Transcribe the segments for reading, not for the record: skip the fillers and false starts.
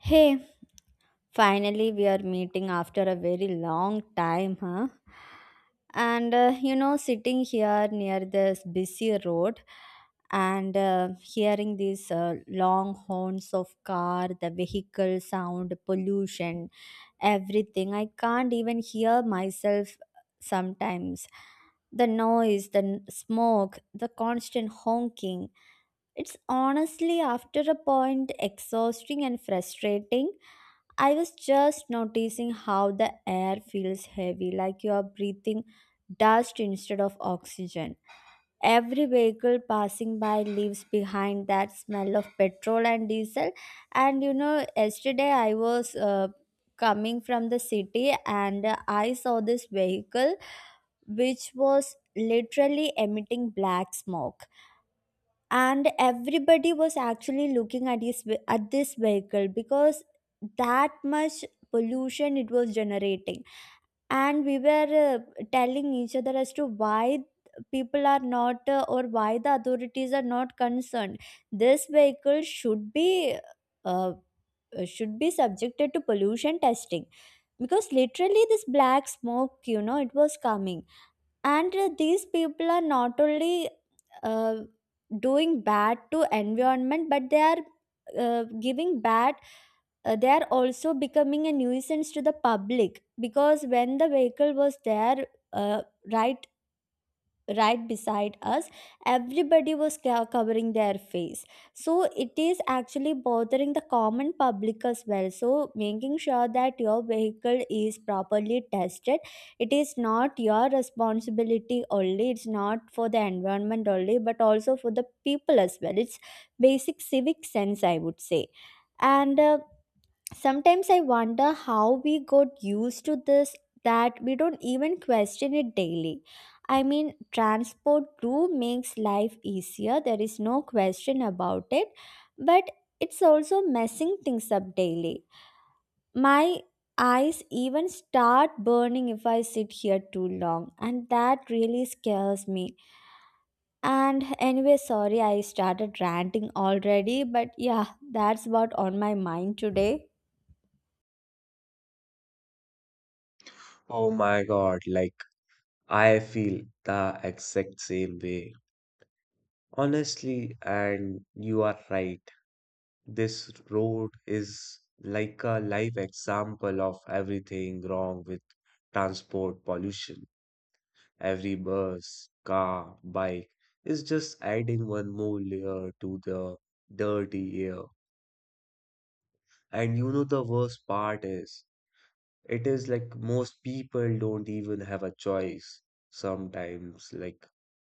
Hey, finally we are meeting after a very long time, huh? Sitting here near this busy road and hearing these long horns of car, the vehicle sound, pollution, everything, I can't even hear myself sometimes. The noise, the smoke, the constant honking. It's honestly, after a point, exhausting and frustrating. I was just noticing how the air feels heavy, like you are breathing dust instead of oxygen. Every vehicle passing by leaves behind that smell of petrol and diesel. And you know, yesterday I was coming from the city and I saw this vehicle which was literally emitting black smoke and everybody was actually looking at at this vehicle because that much pollution it was generating and we were telling each other as to why people are not or why the authorities are not concerned this vehicle uh, should be subjected to pollution testing because literally this black smoke you know it was coming and these people are not only uh, doing bad to environment but they are giving bad they are also becoming a nuisance to the public because when the vehicle was there uh, right right beside us everybody was covering their face. So it is actually bothering the common public as well. So making sure that your vehicle is properly tested, it is not your responsibility only, it's not for the environment only, but also for the people as well. It's basic civic sense, I would say. And Sometimes I wonder how we got used to this, that we don't even question it daily. I mean, transport too makes life easier, there is no question about it, but it's also messing things up daily. My eyes even start burning if I sit here too long, and that really scares me. And anyway, sorry I started ranting already, but yeah, that's what on my mind today. Oh my God, like I feel the exact same way. Honestly, and you are right. This road is like a live example of everything wrong with transport pollution. Every bus, car, bike is just adding one more layer to the dirty air. And you know the worst part is, it is like most people don't even have a choice sometimes like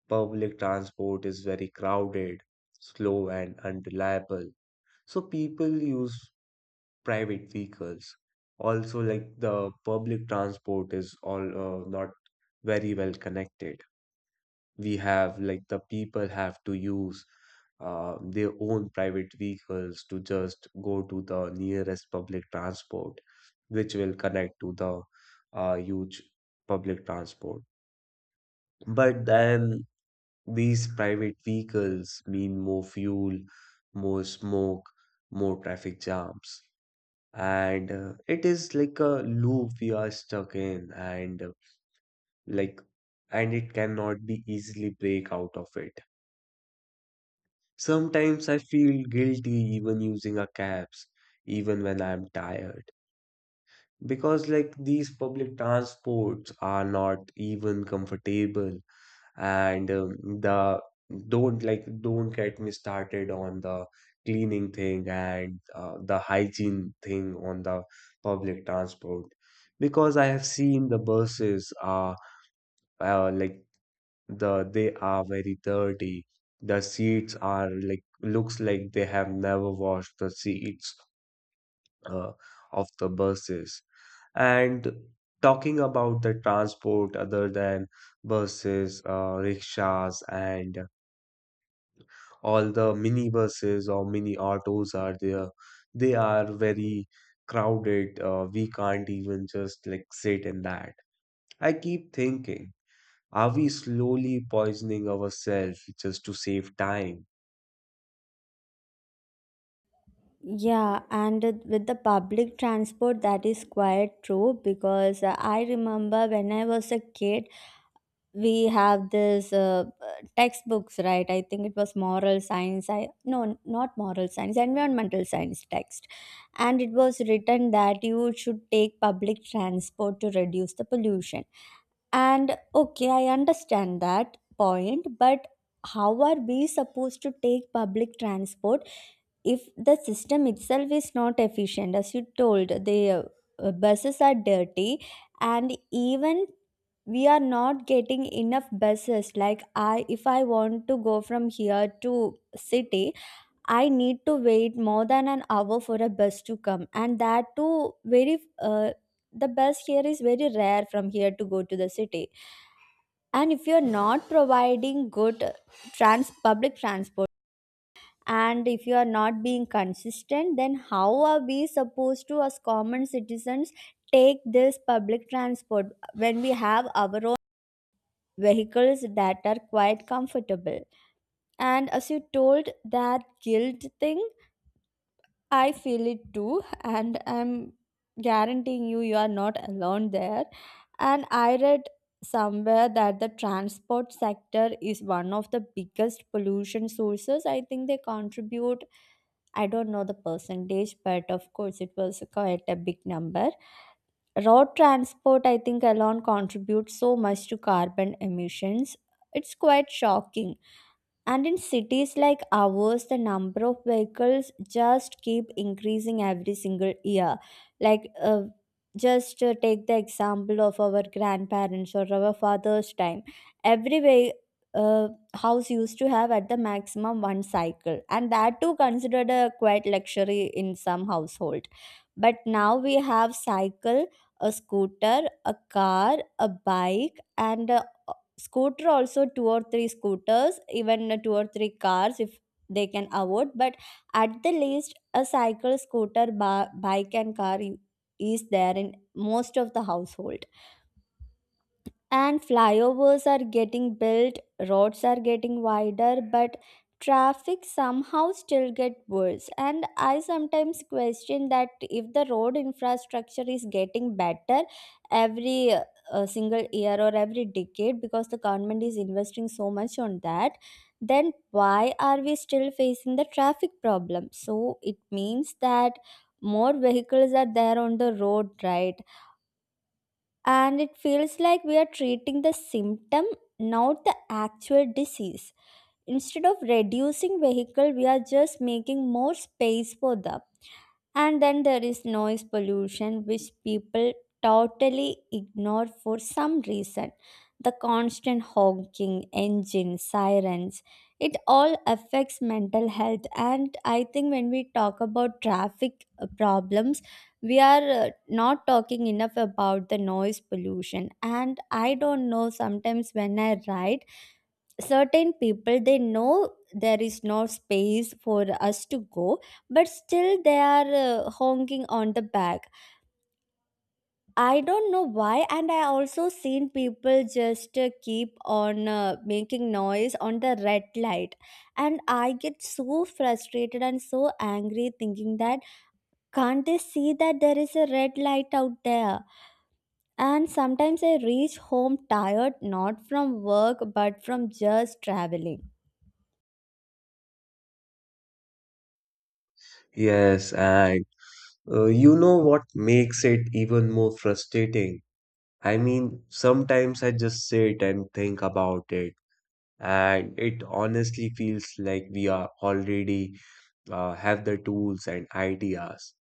public transport is very crowded, slow, and unreliable. So people use private vehicles. Also, like the public transport is all not very well connected. We have like the people have to use their own private vehicles to just go to the nearest public transport, which will connect to the huge public transport. But then these private vehicles mean more fuel, more smoke, more traffic jams. And it is like a loop we are stuck in, and like, and it cannot be easily break out of it. Sometimes I feel guilty even using a cabs, even when I'm tired, because like these public transports are not even comfortable and the don't like don't get me started on the cleaning thing and the hygiene thing on the public transport because I have seen the buses are uh, like they are very dirty. The seats are like looks like they have never washed the seats uh, of the buses. And talking about the transport other than buses, rickshaws, and all the minibuses or mini autos are there they are very crowded we can't even just like sit in that. I keep thinking, are we slowly poisoning ourselves just to save time? Yeah, and with the public transport, that is quite true because I remember when I was a kid, we have this textbooks, right? I think it was moral science. I no, not moral science, environmental science text, and it was written that you should take public transport to reduce the pollution. And okay, I understand that point, but how are we supposed to take public transport? If the system itself is not efficient as you told, the buses are dirty, and even we are not getting enough buses. Like, I if I want to go from here to city, I need to wait more than an hour for a bus to come, and that too very the bus here is very rare from here to go to the city. And if you're not providing good trans public transport and if you are not being consistent, then how are we supposed to as common citizens take this public transport when we have our own vehicles that are quite comfortable? And as you told, that guilt thing, I feel it too, and I'm guaranteeing you, you are not alone there. And I read somewhere that the transport sector is one of the biggest pollution sources. I think they contribute, I don't know the percentage, but of course it was quite a big number. Road transport, I think, alone contributes so much to carbon emissions. It's quite shocking. And in cities like ours, the number of vehicles just keep increasing every single year. Like, just take the example of our grandparents or our father's time. Every way, uh, house used to have at the maximum one cycle, and that too considered a quite luxury in some household. But now we have cycle, a scooter, a car, a bike, and scooter also two or three scooters, even two or three cars if they can afford. But at the least a cycle, scooter, bike and car is there in most of the household. And flyovers are getting built, roads are getting wider, but traffic somehow still get worse. And I sometimes question that if the road infrastructure is getting better every single year or every decade because the government is investing so much on that, then why are we still facing the traffic problem? So it means that more vehicles are there on the road, right? And it feels like we are treating the symptom, not the actual disease. Instead of reducing vehicle, we are just making more space for them. And then there is noise pollution, which people totally ignore for some reason. The constant honking, engines, sirens, it all affects mental health. And I think when we talk about traffic problems, we are not talking enough about the noise pollution. And I don't know, sometimes when I ride, certain people, they know there is no space for us to go, but still they are honking on the back. I don't know why. And I also seen people just keep on making noise on the red light, and I get so frustrated and so angry thinking that can't they see that there is a red light out there. And sometimes I reach home tired, not from work but from just traveling. Yes, and you know what makes it even more frustrating, I mean sometimes I just sit and think about it, and it honestly feels like we are already have the tools and ideas,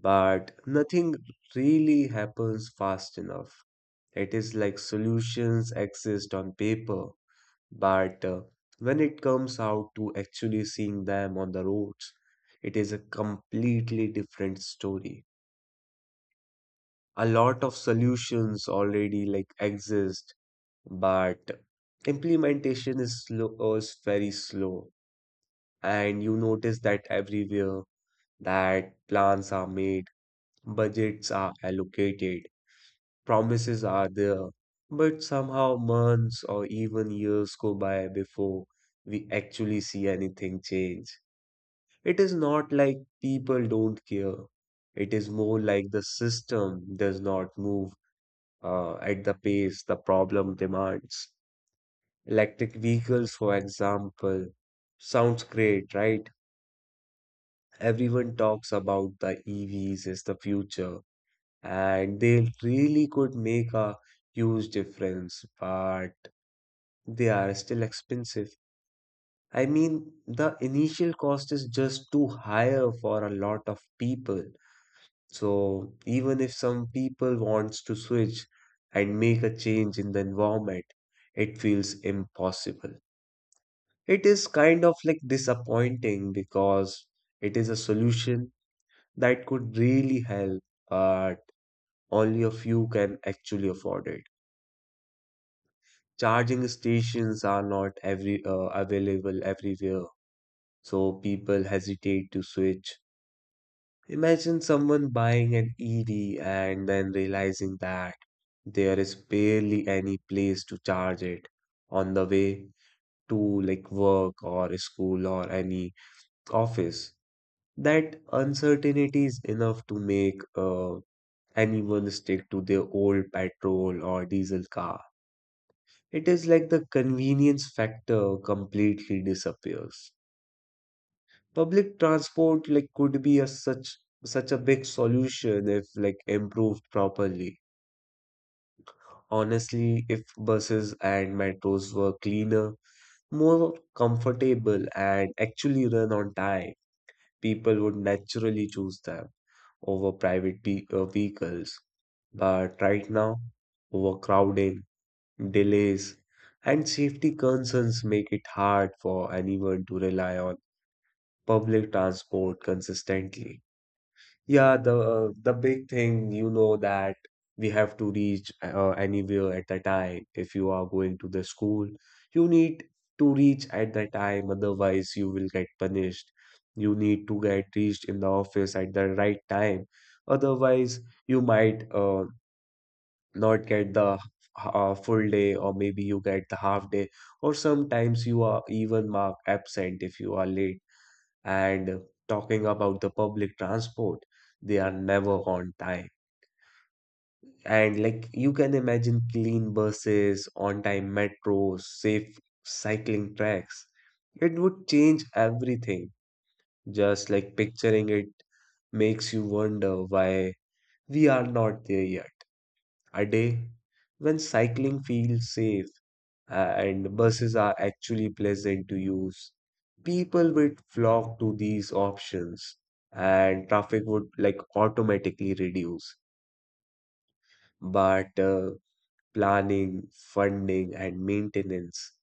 but nothing really happens fast enough. It is like solutions exist on paper, but when it comes out to actually seeing them on the roads, it is a completely different story. A lot of solutions already like exist, but implementation is slow, is very slow, and you notice that everywhere that plans are made, budgets are allocated promises are there, but somehow months or even years go by before we actually see anything change. It is not like people don't care. It is more like the system does not move at the pace the problem demands. Electric vehicles, for example, sounds great, right? Everyone talks about the EVs is the future, and they really could make a huge difference. But they are still expensive. I mean, the initial cost is just too higher for a lot of people. So even if some people wants to switch and make a change in the environment, it feels impossible. It is kind of like disappointing because it is a solution that could really help, but only a few can actually afford it. Charging stations are not every available everywhere so people hesitate to switch. Imagine someone buying an EV and then realizing that there is barely any place to charge it on the way to like work or school or any office. That uncertainty is enough to make anyone stick to their old petrol or diesel car. It is like the convenience factor completely disappears. Public transport like could be a such a big solution if like improved properly. Honestly, if buses and metros were cleaner, more comfortable and actually run on time, people would naturally choose them over private vehicles. But right now, overcrowding, delays, and safety concerns make it hard for anyone to rely on public transport consistently. Yeah, the the big thing, you know, that we have to reach anywhere at the time. If you are going to the school, you need to reach at the time, otherwise you will get punished. You need to get reached in the office at the right time, otherwise you might not get the full day, or maybe you get the half day, or sometimes you are even marked absent if you are late and talking about the public transport, they are never on time. And like you can imagine clean buses, on-time metros, safe cycling tracks. It would change everything. Just like picturing it makes you wonder why we are not there yet. A day when cycling feels safe and buses are actually pleasant to use. People would flock to these options and traffic would like automatically reduce. But planning, funding, and maintenance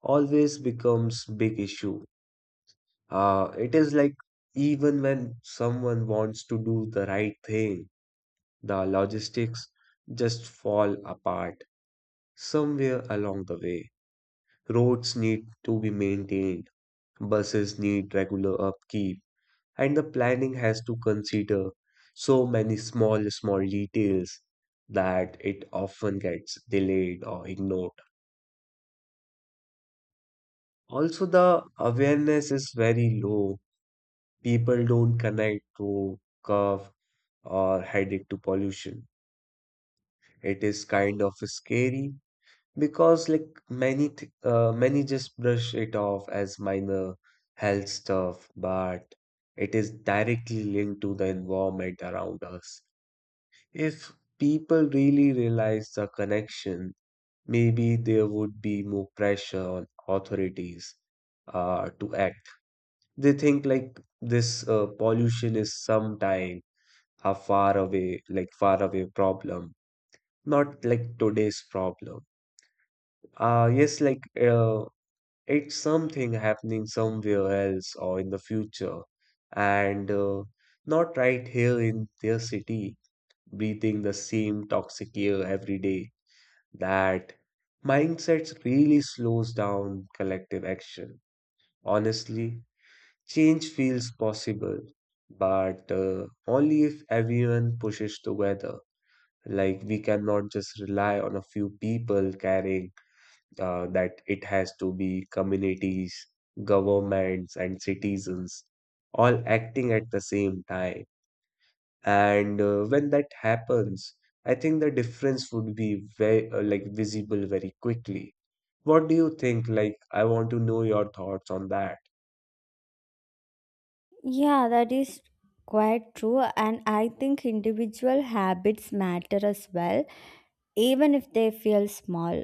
always becomes big issue. It is like even when someone wants to do the right thing, the logistics just fall apart somewhere along the way. Roads need to be maintained. Buses need regular upkeep, and the planning has to consider so many small, small details that it often gets delayed or ignored. Also, the awareness is very low. People don't connect to curve or headache to pollution. It is kind of scary because like many just brush it off as minor health stuff, but it is directly linked to the environment around us. If people really realize the connection, maybe there would be more pressure on authorities to act. They think like this pollution is sometime a far away, like far away problem, not like today's problem. Yes, like uh, it's something happening somewhere else or in the future, and not right here in their city, breathing the same toxic air every day. That mindset really slows down collective action. Honestly, change feels possible, but only if everyone pushes together. Like, we cannot just rely on a few people carrying that it has to be communities, governments, and citizens all acting at the same time. And when that happens, I think the difference would be very like visible very quickly. What do you think? Like, I want to know your thoughts on that. Yeah, that is quite true. And I think individual habits matter as well, even if they feel small.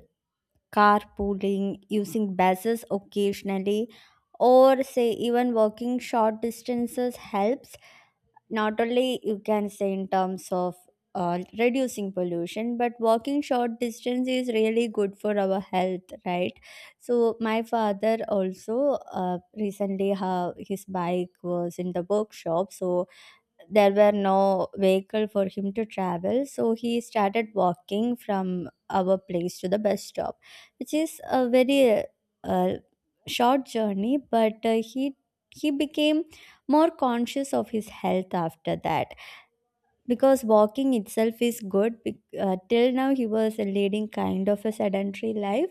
Carpooling, using buses occasionally, or say even walking short distances helps, not only you can say in terms of reducing pollution, but walking short distance is really good for our health, right? So my father also recently his bike was in the workshop, so there were no vehicle for him to travel, so he started walking from our place to the bus stop, which is a very uh, short journey. But he became more conscious of his health after that, because walking itself is good. Till now he was leading kind of a sedentary life,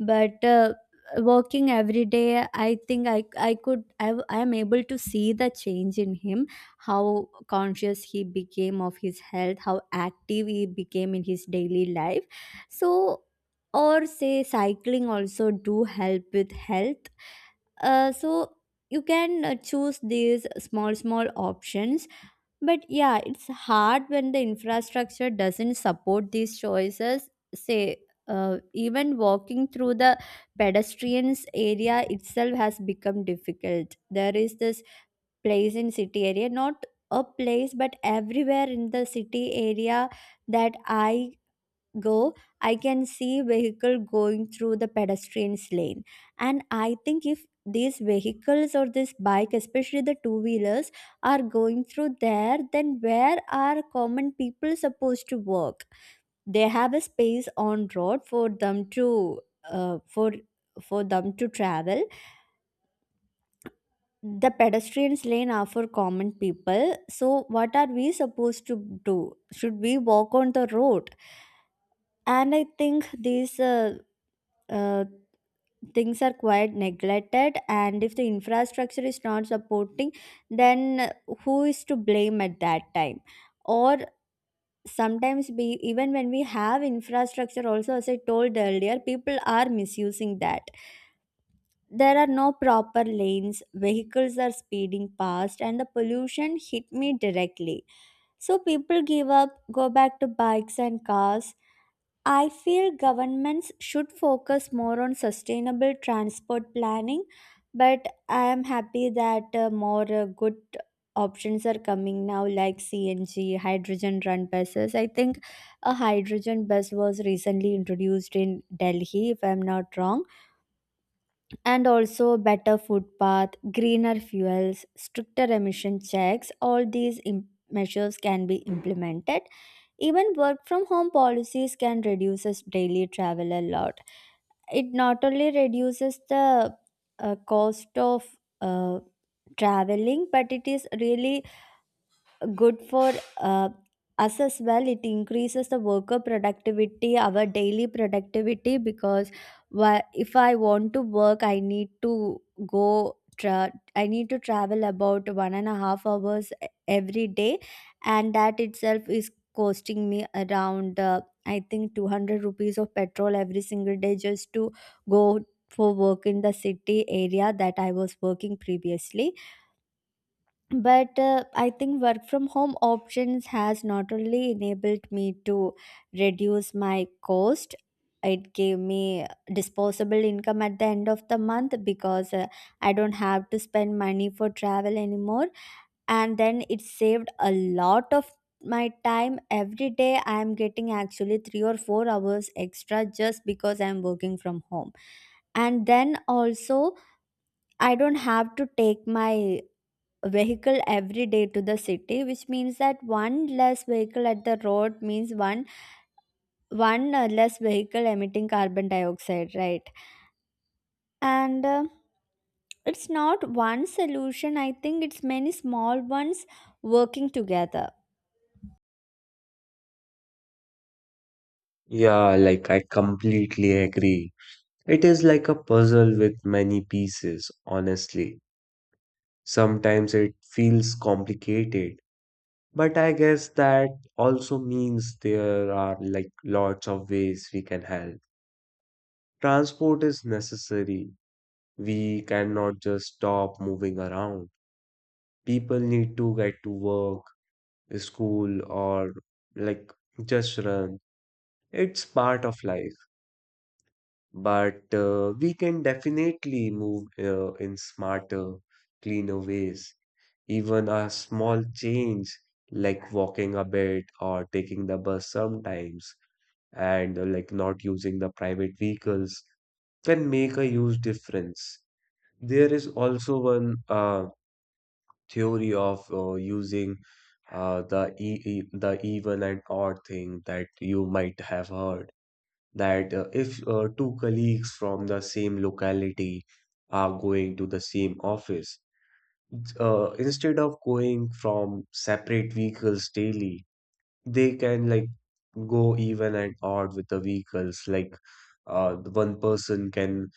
but walking every day, I think, I could I w- I am able to see the change in him, how conscious he became of his health, how active he became in his daily life. So or say cycling also do help with health. So you can choose these small small options, but yeah, it's hard when the infrastructure doesn't support these choices. Say, even walking through the pedestrians area itself has become difficult. There is this place in city area, not a place, but everywhere in the city area that I go, I can see vehicle going through the pedestrians lane. And I think if these vehicles or this bike, especially the two wheelers, are going through there, then where are common people supposed to walk? They have a space on road uh, for for them to travel. The pedestrians lane are for common people. So what are we supposed to do? Should we walk on the road? And I think these uh, things are quite neglected, and if the infrastructure is not supporting, then who is to blame at that time? Or sometimes, we even when we have infrastructure also, as I told earlier, people are misusing that. There are no proper lanes, vehicles are speeding past, and the pollution hit me directly, so people give up, go back to bikes and cars. I feel governments should focus more on sustainable transport planning, but I am happy that more good options are coming now, like CNG, hydrogen run buses. I think a hydrogen bus was recently introduced in Delhi, if I'm not wrong. And also better food footpath, greener fuels, stricter emission checks. All these measures can be implemented. Even work from home policies can reduce us daily travel a lot. It not only reduces the cost of uh, traveling, but it is really good for uh, us as well. It increases the worker productivity, our daily productivity, because if I want to work, I need to I need to travel about 1.5 hours every day, and that itself is costing me around I think 200 rupees of petrol every single day just to go for work in the city area that I was working previously. But I think work from home options has not only enabled me to reduce my cost, it gave me disposable income at the end of the month, because I don't have to spend money for travel anymore, and then it saved a lot of my time. Every day I am getting actually 3 or 4 hours extra just because I am working from home. And then also, I don't have to take my vehicle every day to the city, which means that one less vehicle at the road means one less vehicle emitting carbon dioxide, right? And it's not one solution, I think it's many small ones working together. Yeah, like I completely agree. It is like a puzzle with many pieces, honestly. Sometimes it feels complicated. But I guess that also means there are like lots of ways we can help. Transport is necessary. We cannot just stop moving around. People need to get to work, school, or like just run. It's part of life. But we can definitely move in smarter, cleaner ways. Even a small change, like walking a bit or taking the bus sometimes and like not using the private vehicles can make a huge difference. There is also one theory of using the even and odd thing that you might have heard that if two colleagues from the same locality are going to the same office, instead of going from separate vehicles daily, they can like go even and odd with the vehicles. Like the one person can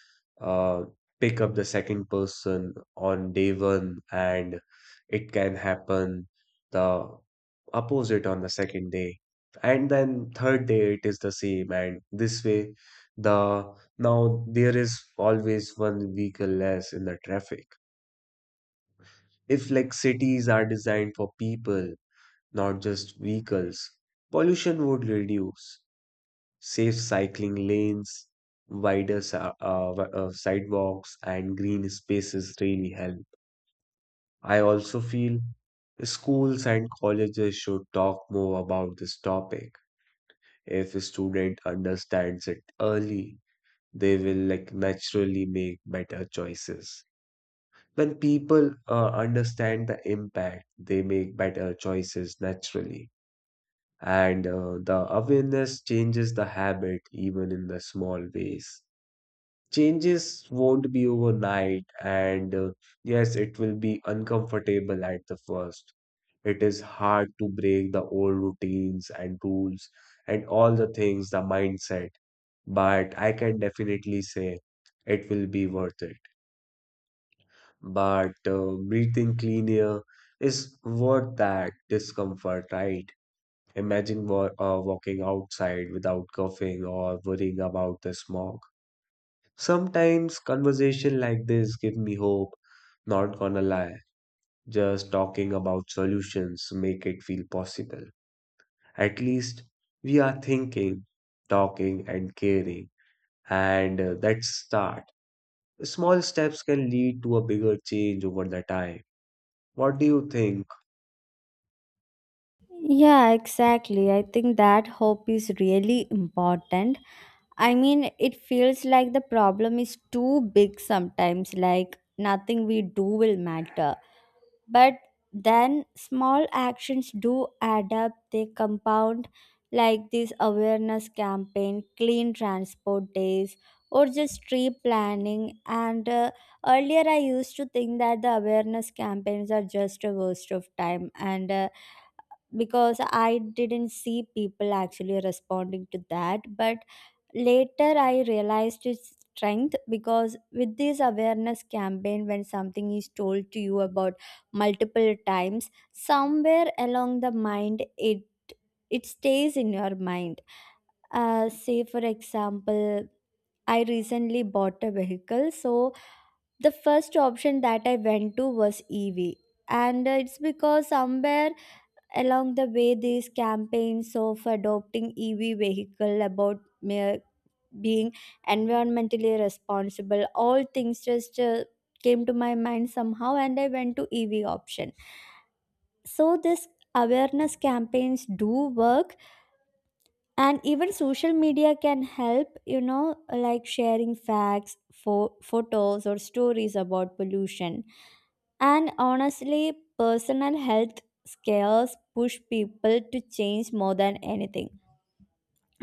uh, pick up the second person on day one, and it can happen the opposite on the second day. And then third day it is the same, and this way the now there is always one vehicle less in the traffic. If like cities are designed for people not just vehicles. Pollution would reduce, safe cycling lanes, wider sidewalks, and green spaces really help. I also feel schools and colleges should talk more about this topic. If a student understands it early, they will like naturally make better choices. When people understand the impact, they make better choices naturally. And the awareness changes the habit even in the small ways. Changes won't be overnight, and yes, it will be uncomfortable at the first. It is hard to break the old routines and rules and all the things, the mindset, but I can definitely say it will be worth it. But breathing clean air is worth that discomfort, right? Imagine walking outside without coughing or worrying about the smog. Sometimes conversation like this give me hope, not gonna lie. Just talking about solutions make it feel possible. At least we are thinking, talking and caring. And that's start. Small steps can lead to a bigger change over the time. What do you think? Yeah, exactly, I think that hope is really important. I mean, it feels like the problem is too big sometimes, like nothing we do will matter. But then small actions do add up, they compound, like this awareness campaign, clean transport days, or just tree planning. And earlier, I used to think that the awareness campaigns are just a waste of time, and because I didn't see people actually responding to that. But later I realized its strength, because with this awareness campaign, when something is told to you about multiple times, somewhere along the mind, it stays in your mind. Say for example, I recently bought a vehicle, so the first option that I went to was EV, and it's because somewhere along the way these campaigns of adopting EV vehicle, about mere being environmentally responsible, all things just came to my mind somehow, and I went to EV option. So this awareness campaigns do work, and even social media can help, you know, like sharing facts for photos or stories about pollution. And honestly, personal health scares push people to change more than anything.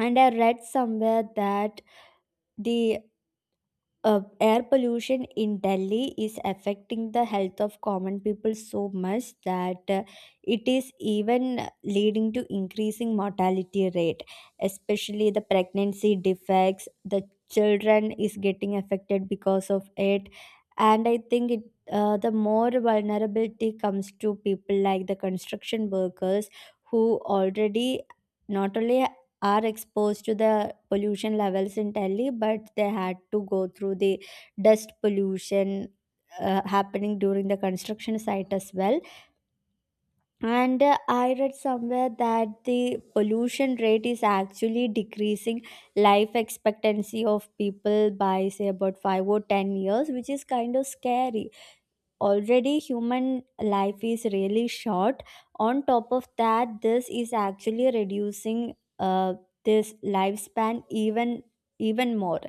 And I read somewhere that the air pollution in Delhi is affecting the health of common people so much that it is even leading to increasing mortality rate, especially the pregnancy defects. The children is getting affected because of it, and I think it. The more vulnerability comes to people like the construction workers, who already not only are exposed to the pollution levels in Delhi, but they had to go through the dust pollution happening during the construction site as well. And I read somewhere that the pollution rate is actually decreasing life expectancy of people by, say, about 5 or 10 years, which is kind of scary. Already human life is really short, on top of that this is actually reducing this lifespan even even more.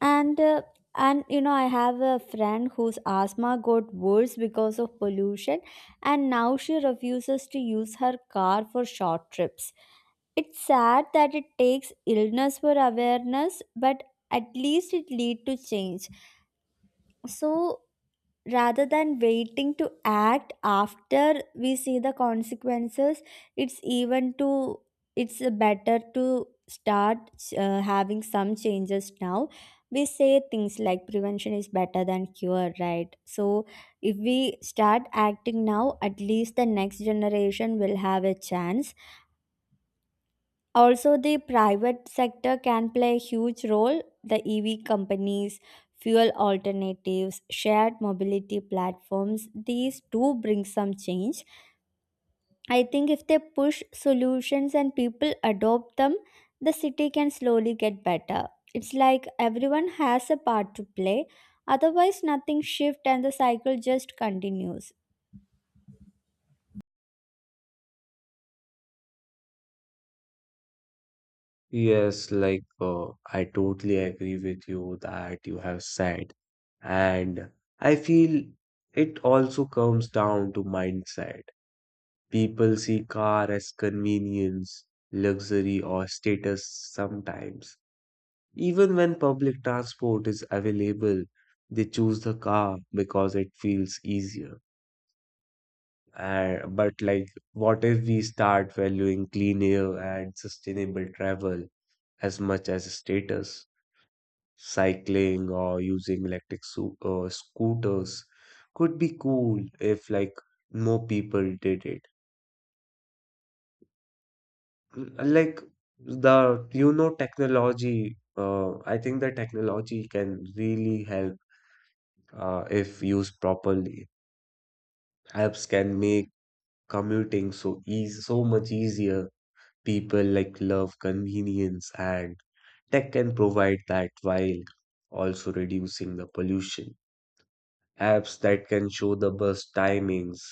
And and you know, I have a friend whose asthma got worse because of pollution, and now she refuses to use her car for short trips. It's sad that it takes illness for awareness, but at least it lead to change. So rather than waiting to act after we see the consequences, it's even to it's better to start having some changes now. We say things like prevention is better than cure, right? So if we start acting now, at least the next generation will have a chance. Also, the private sector can play a huge role. The EV companies, fuel alternatives, shared mobility platforms, these do bring some change. I think if they push solutions and people adopt them, the city can slowly get better. It's like everyone has a part to play, otherwise, nothing shifts and the cycle just continues. Yes, like I totally agree with you that you have said. And I feel it also comes down to mindset. People see car as convenience, luxury, or status sometimes. Even when public transport is available, they choose the car because it feels easier. But like, what if we start valuing clean air and sustainable travel as much as status? Cycling or using electric scooters could be cool if like more people did it, like, the you know, technology, I think the technology can really help if used properly. Apps can make commuting so much easier. People like love convenience and tech can provide that while also reducing the pollution. Apps that can show the bus timings,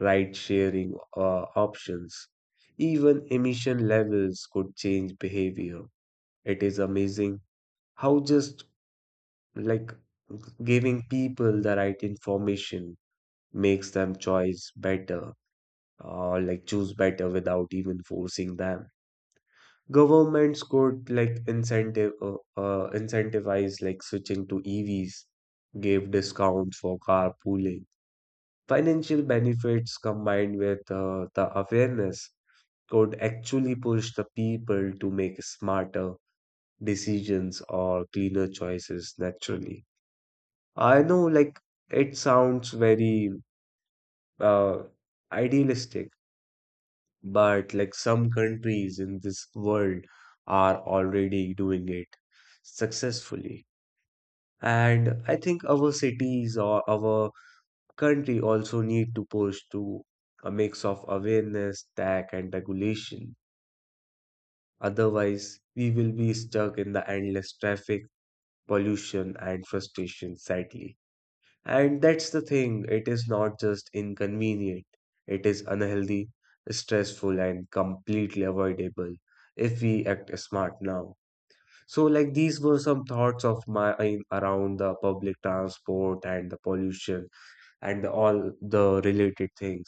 ride sharing options, even emission levels could change behavior. It is amazing how just like giving people the right information makes them choice better or like choose better without even forcing them. Governments could like incentive incentivize like switching to EVs, give discounts for carpooling. Financial benefits combined with the awareness could actually push the people to make smarter decisions or cleaner choices naturally. I know, like, it sounds very uh, idealistic, but like some countries in this world are already doing it successfully. And I think our cities or our country also need to push to a mix of awareness, tax, and regulation. Otherwise, we will be stuck in the endless traffic, pollution, and frustration, sadly. And that's the thing, it is not just inconvenient, it is unhealthy, stressful, and completely avoidable if we act smart now. So, like, these were some thoughts of mine around the public transport and the pollution and all the related things.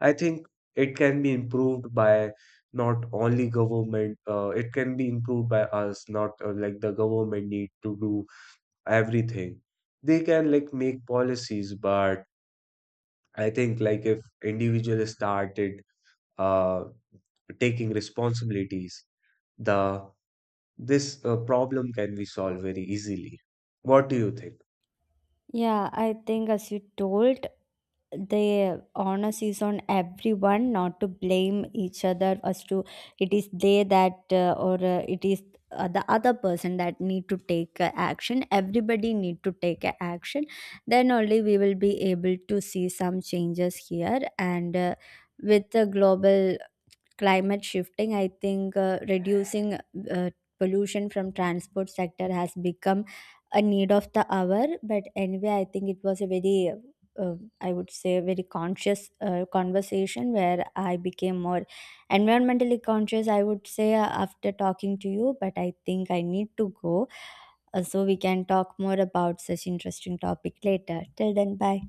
I think it can be improved by not only government, it can be improved by us, not like the government need to do everything. They can like make policies, but I think like if individuals started uh, taking responsibilities, the this problem can be solved very easily. What do you think? Yeah, I think as you told, the onus is on everyone, not to blame each other as to it is they that or it is the other person that need to take action. Everybody need to take a action, then only we will be able to see some changes here. And with the global climate shifting, I think reducing uh, pollution from transport sector has become a need of the hour. But anyway, I think it was a very I would say very conscious conversation, where I became more environmentally conscious, I would say, after talking to you. But I think I need to go, so we can talk more about such interesting topic later. Till then, bye.